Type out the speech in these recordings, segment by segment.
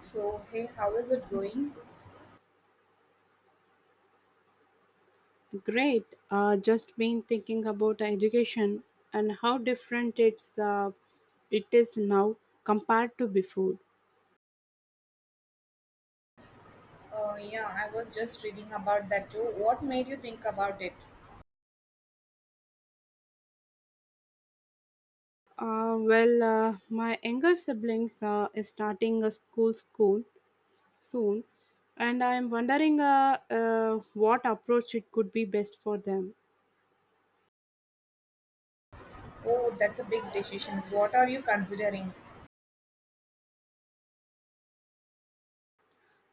So, hey, how is it going? Great. Just been thinking about education and how different it is now compared to before. Yeah, I was just reading about that too. What made you think about it? My younger siblings is starting a school soon, and I'm wondering what approach it could be best for them. Oh, that's a big decision. What are you considering?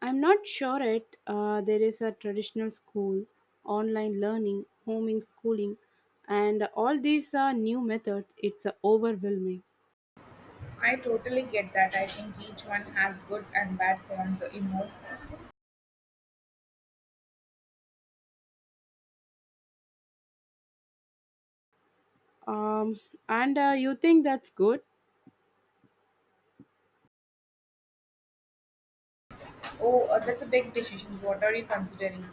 I'm not sure it. There is a traditional school, online learning, homing schooling, and all these new methods. It's overwhelming. I totally get that. I think each one has good and bad points, you know. Um, and you think that's good? Oh, that's a big decision. What are you considering?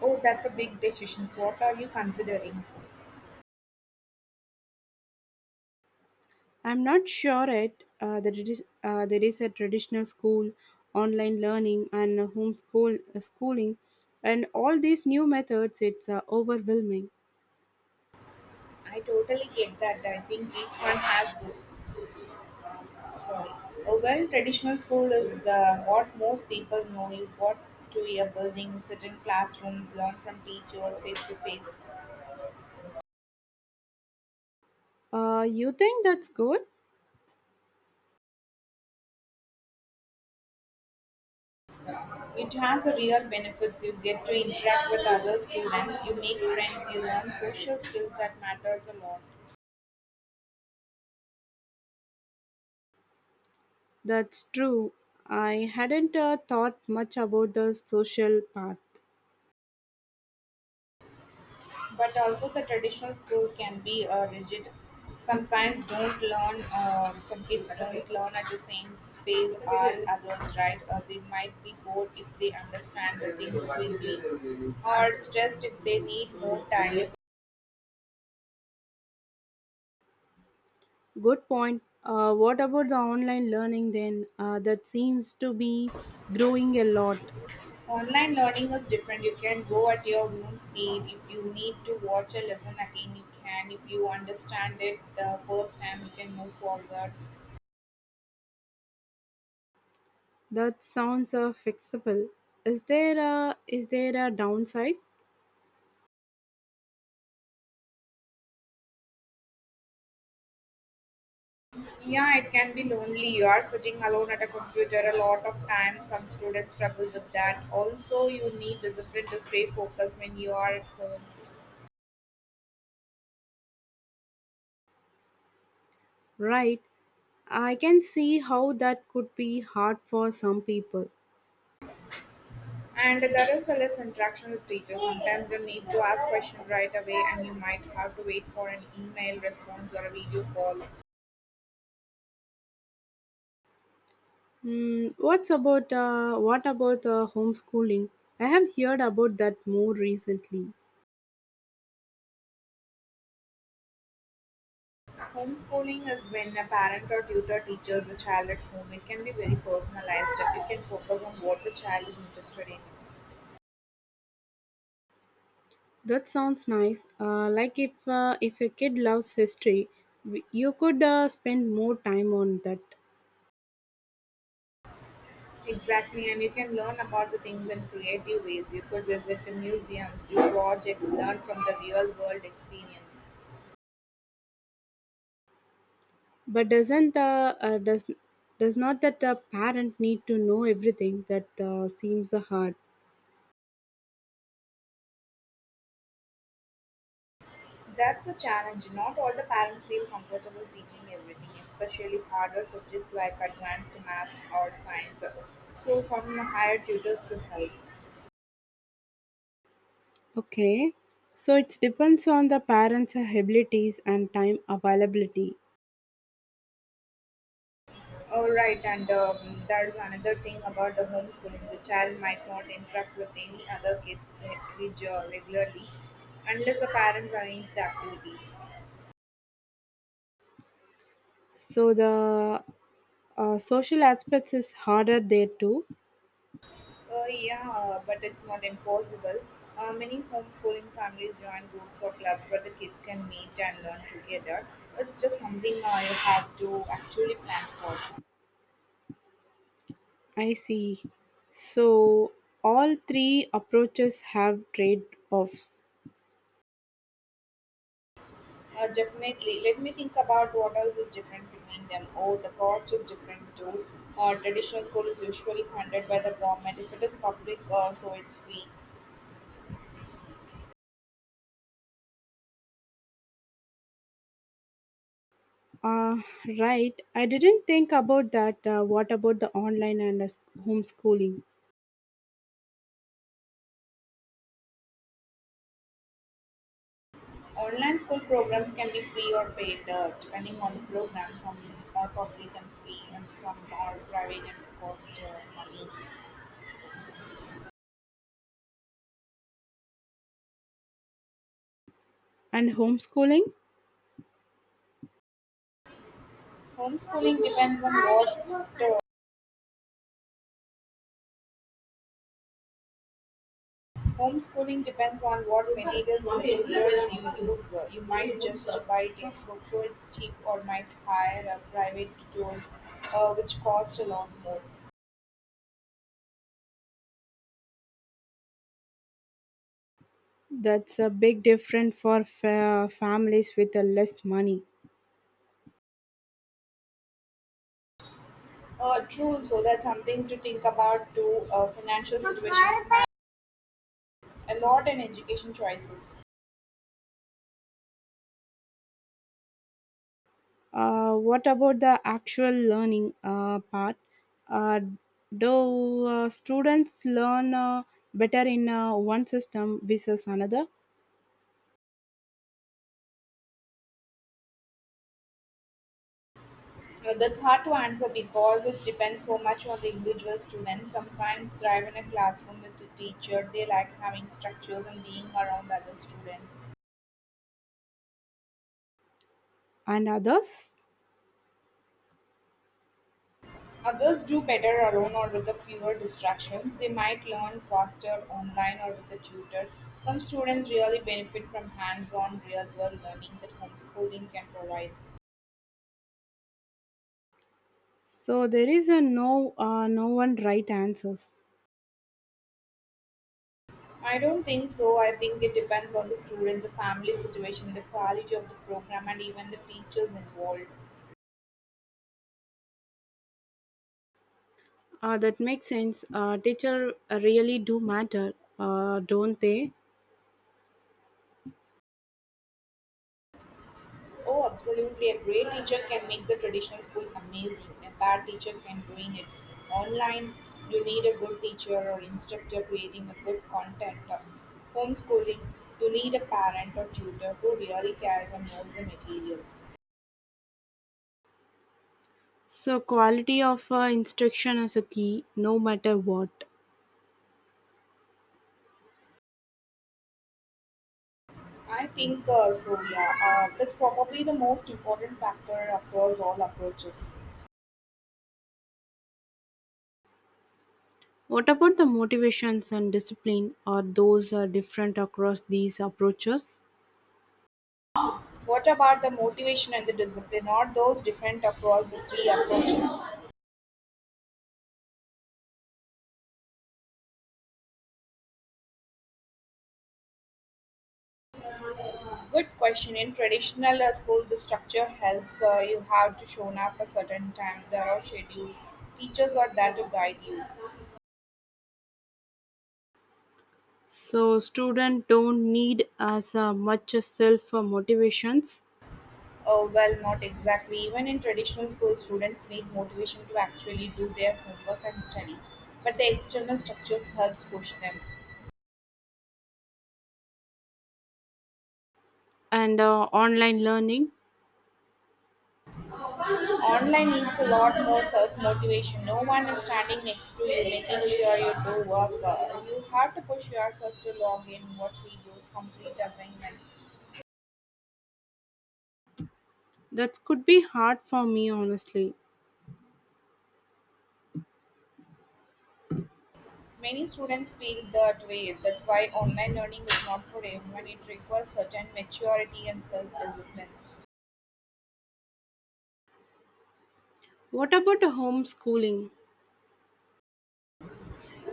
Oh, that's a big decision. What are you considering? I'm not sure it. There is a traditional school, online learning, and homeschool schooling, and all these new methods. It's overwhelming. I totally get that. I think each one has good Sorry. A well traditional school is the what most people know is what to a building, sit in classrooms, learn from teachers face to face. You think that's good? It has a real benefits. You get to interact with other students, you make friends, you learn social skills that matters a lot. That's true. I hadn't thought much about the social part. But also the traditional school can be rigid. Some kids don't learn at the same pace as others, right? They might be bored if they understand the things quickly or stressed if they need more time. Good point. What about the online learning then? That seems to be growing a lot. Online learning is different. You can go at your own speed. If you need to watch a lesson again, you can. If you understand it the first time, you can move forward. That sounds fixable. Is there a downside? Yeah, it can be lonely. You are sitting alone at a computer a lot of time. Some students struggle with that. Also, you need discipline to stay focused when you are at home. Right. I can see how that could be hard for some people. And there is a less interaction with teachers. Sometimes you need to ask questions right away, and you might have to wait for an email response or a video call. Mm, what about homeschooling? I have heard about that more recently. Homeschooling is when a parent or tutor teaches the child at home. It can be very personalized. You can focus on what the child is interested in. That sounds nice. Like if a kid loves history, you could spend more time on that. Exactly, and you can learn about the things in creative ways. You could visit the museums, do projects, learn from the real world experience. But does not that the parent need to know everything? That seems hard. That's the challenge. Not all the parents feel comfortable teaching everything, especially harder subjects like advanced math or science. So, some hire tutors to help. Okay, so it depends on the parents' abilities and time availability. All right, and there's another thing about the homeschooling. The child might not interact with any other kids reg- regularly unless the parents arrange the activities. So the social aspects is harder there too. Yeah, but it's not impossible. Many homeschooling families join groups or clubs where the kids can meet and learn together. It's just something you have to actually plan for. I see. So all three approaches have trade-offs. Definitely. Let me think about what else is different between them. Oh, the cost is different too. Traditional school is usually funded by the government. If it is public, so it's free. Uh, right. I didn't think about that. What about the online and homeschooling? Online school programs can be free or paid, depending on the program. Some are public and free, and some are private and cost money. And homeschooling, Homeschooling depends on what uh, Homeschooling depends on what materials and tutors you use. You might just buy textbooks, so it's cheap, or might hire a private tutors, which cost a lot more. that's a big difference for families with less money. True, so that's something to think about too. Financial situations matter a lot in education choices. What about the actual learning part? Uh, do students learn better in one system versus another That's hard to answer because it depends so much on the individual student. Some clients thrive in a classroom with a teacher, they like having structures and being around other students. and others? Others do better alone or with a fewer distractions. They might learn faster online or with a tutor. Some students really benefit from hands on, real world learning that homeschooling can provide. So there is a no one right answers. I don't think so. I think it depends on the students, the family situation, the quality of the program, and even the teachers involved. That makes sense. Teacher really do matter, don't they? Oh, absolutely. A great teacher can make the traditional school amazing. A bad teacher can ruin it. Online, you need a good teacher or instructor creating a good content. Homeschooling, you need a parent or tutor who really cares and knows the material. So quality of instruction is a key, no matter what. I think so, yeah. That's probably the most important factor across all approaches. What about the motivations and discipline? Are those different across these approaches? What about the motivation and the discipline? Are those different across the three approaches? Good question. In traditional school, the structure helps. You have to show up a certain time. There are schedules. Teachers are there to guide you. So students don't need as much self motivations Well, not exactly. Even in traditional school, students need motivation to actually do their homework and study. But the external structures helps push them. and online learning, Online needs a lot more self-motivation. No one is standing next to you, making sure you do work. You have to push yourself to log in, watch videos, complete assignments. that could be hard for me honestly. Many students feel that way, that's why online learning is not for everyone. It requires certain maturity and self discipline. What about a homeschooling,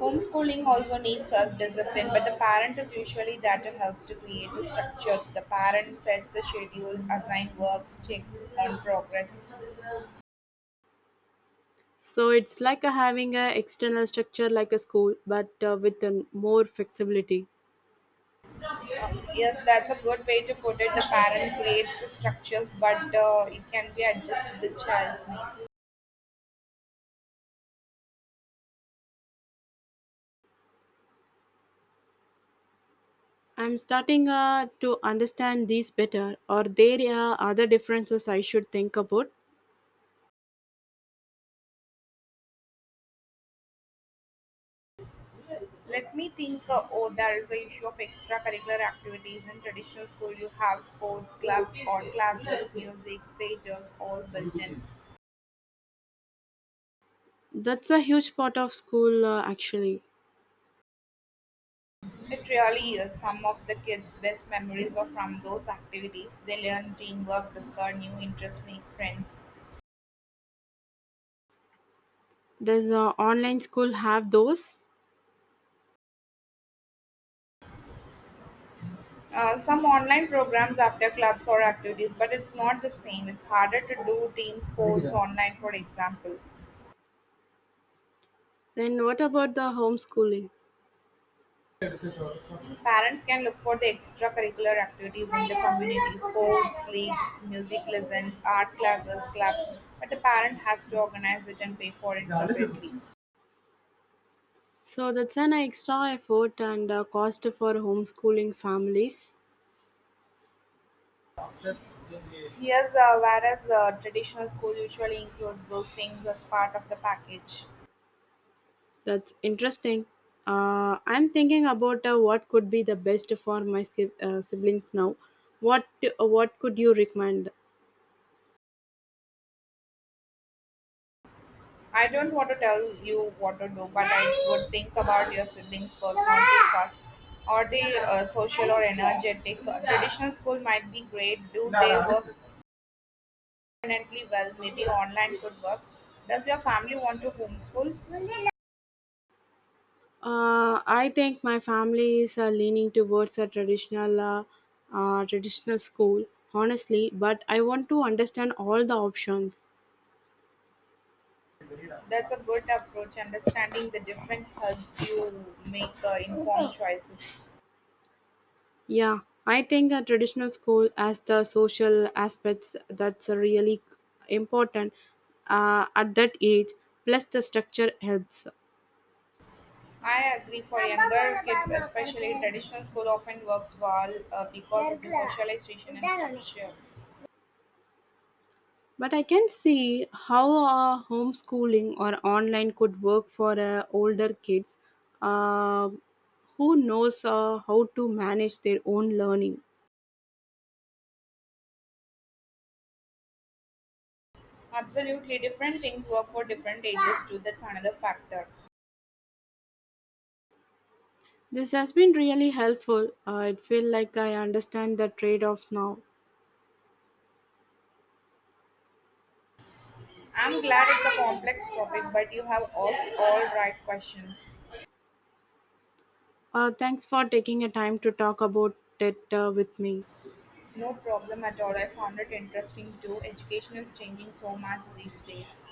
Homeschooling also needs self discipline, but the parent is usually there to help to create the structure. The parent sets the schedule, assign works, check on progress. so it's like a having a external structure like a school but with a more flexibility. Yes, that's a good way to put it. The parent creates the structures, but it can be adjusted to the child's needs. I'm starting to understand these better, or there are other differences I should think about. Let me think. Oh, there is the issue of extracurricular activities. In traditional school, you have sports clubs, art classes, music, theaters, all built in. That's a huge part of school actually. It really is. Some of the kids' best memories are from those activities. They learn teamwork, discover new interests, make friends. Does online school have those? Some online programs after clubs or activities, but it's not the same. It's harder to do team sports online, for example. Then what about the homeschooling? Parents can look for the extracurricular activities in the community, sports, leagues, music lessons, art classes, clubs, but the parent has to organize it and pay for it separately. So that's an extra effort and cost for homeschooling families. Yes, whereas traditional school usually includes those things as part of the package. That's interesting. I'm thinking about what could be the best for my siblings now. What what could you recommend? I don't want to tell you what to do, but I would think about your siblings' personality first. Are they social or energetic? Traditional school might be great. Do they work independently well, maybe online could work. Does your family want to homeschool? I think my family is leaning towards a traditional school, honestly. But I want to understand all the options. That's a good approach. Understanding the different helps you make informed choices. Yeah, I think a traditional school as the social aspects that's really important at that age. Plus, the structure helps. I agree for younger kids, especially traditional school often works well because of the socialization and structure. But I can see how homeschooling or online could work for older kids uh, who knows how to manage their own learning. Absolutely, different things work for different ages too. That's another factor. This has been really helpful. It feel like I understand the trade-off now. I'm glad it's a complex topic, but you have asked all right questions. Thanks for taking a time to talk about it with me. No problem at all. I found it interesting too. Education is changing so much these days.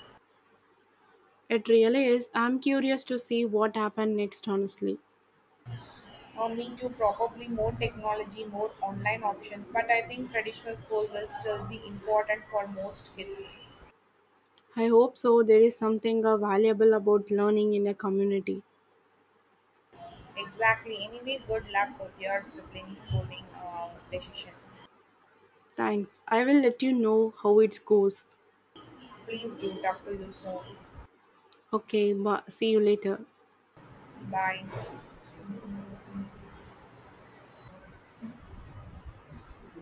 It really is. I'm curious to see what happened next, honestly. Me too, probably more technology, more online options, but I think traditional school will still be important for most kids. I hope so. There is something valuable about learning in a community. Exactly. Anyway, good luck with your siblings' schooling decision. Thanks. I will let you know how it goes. Please do talk to you soon. Okay, see you later. Bye.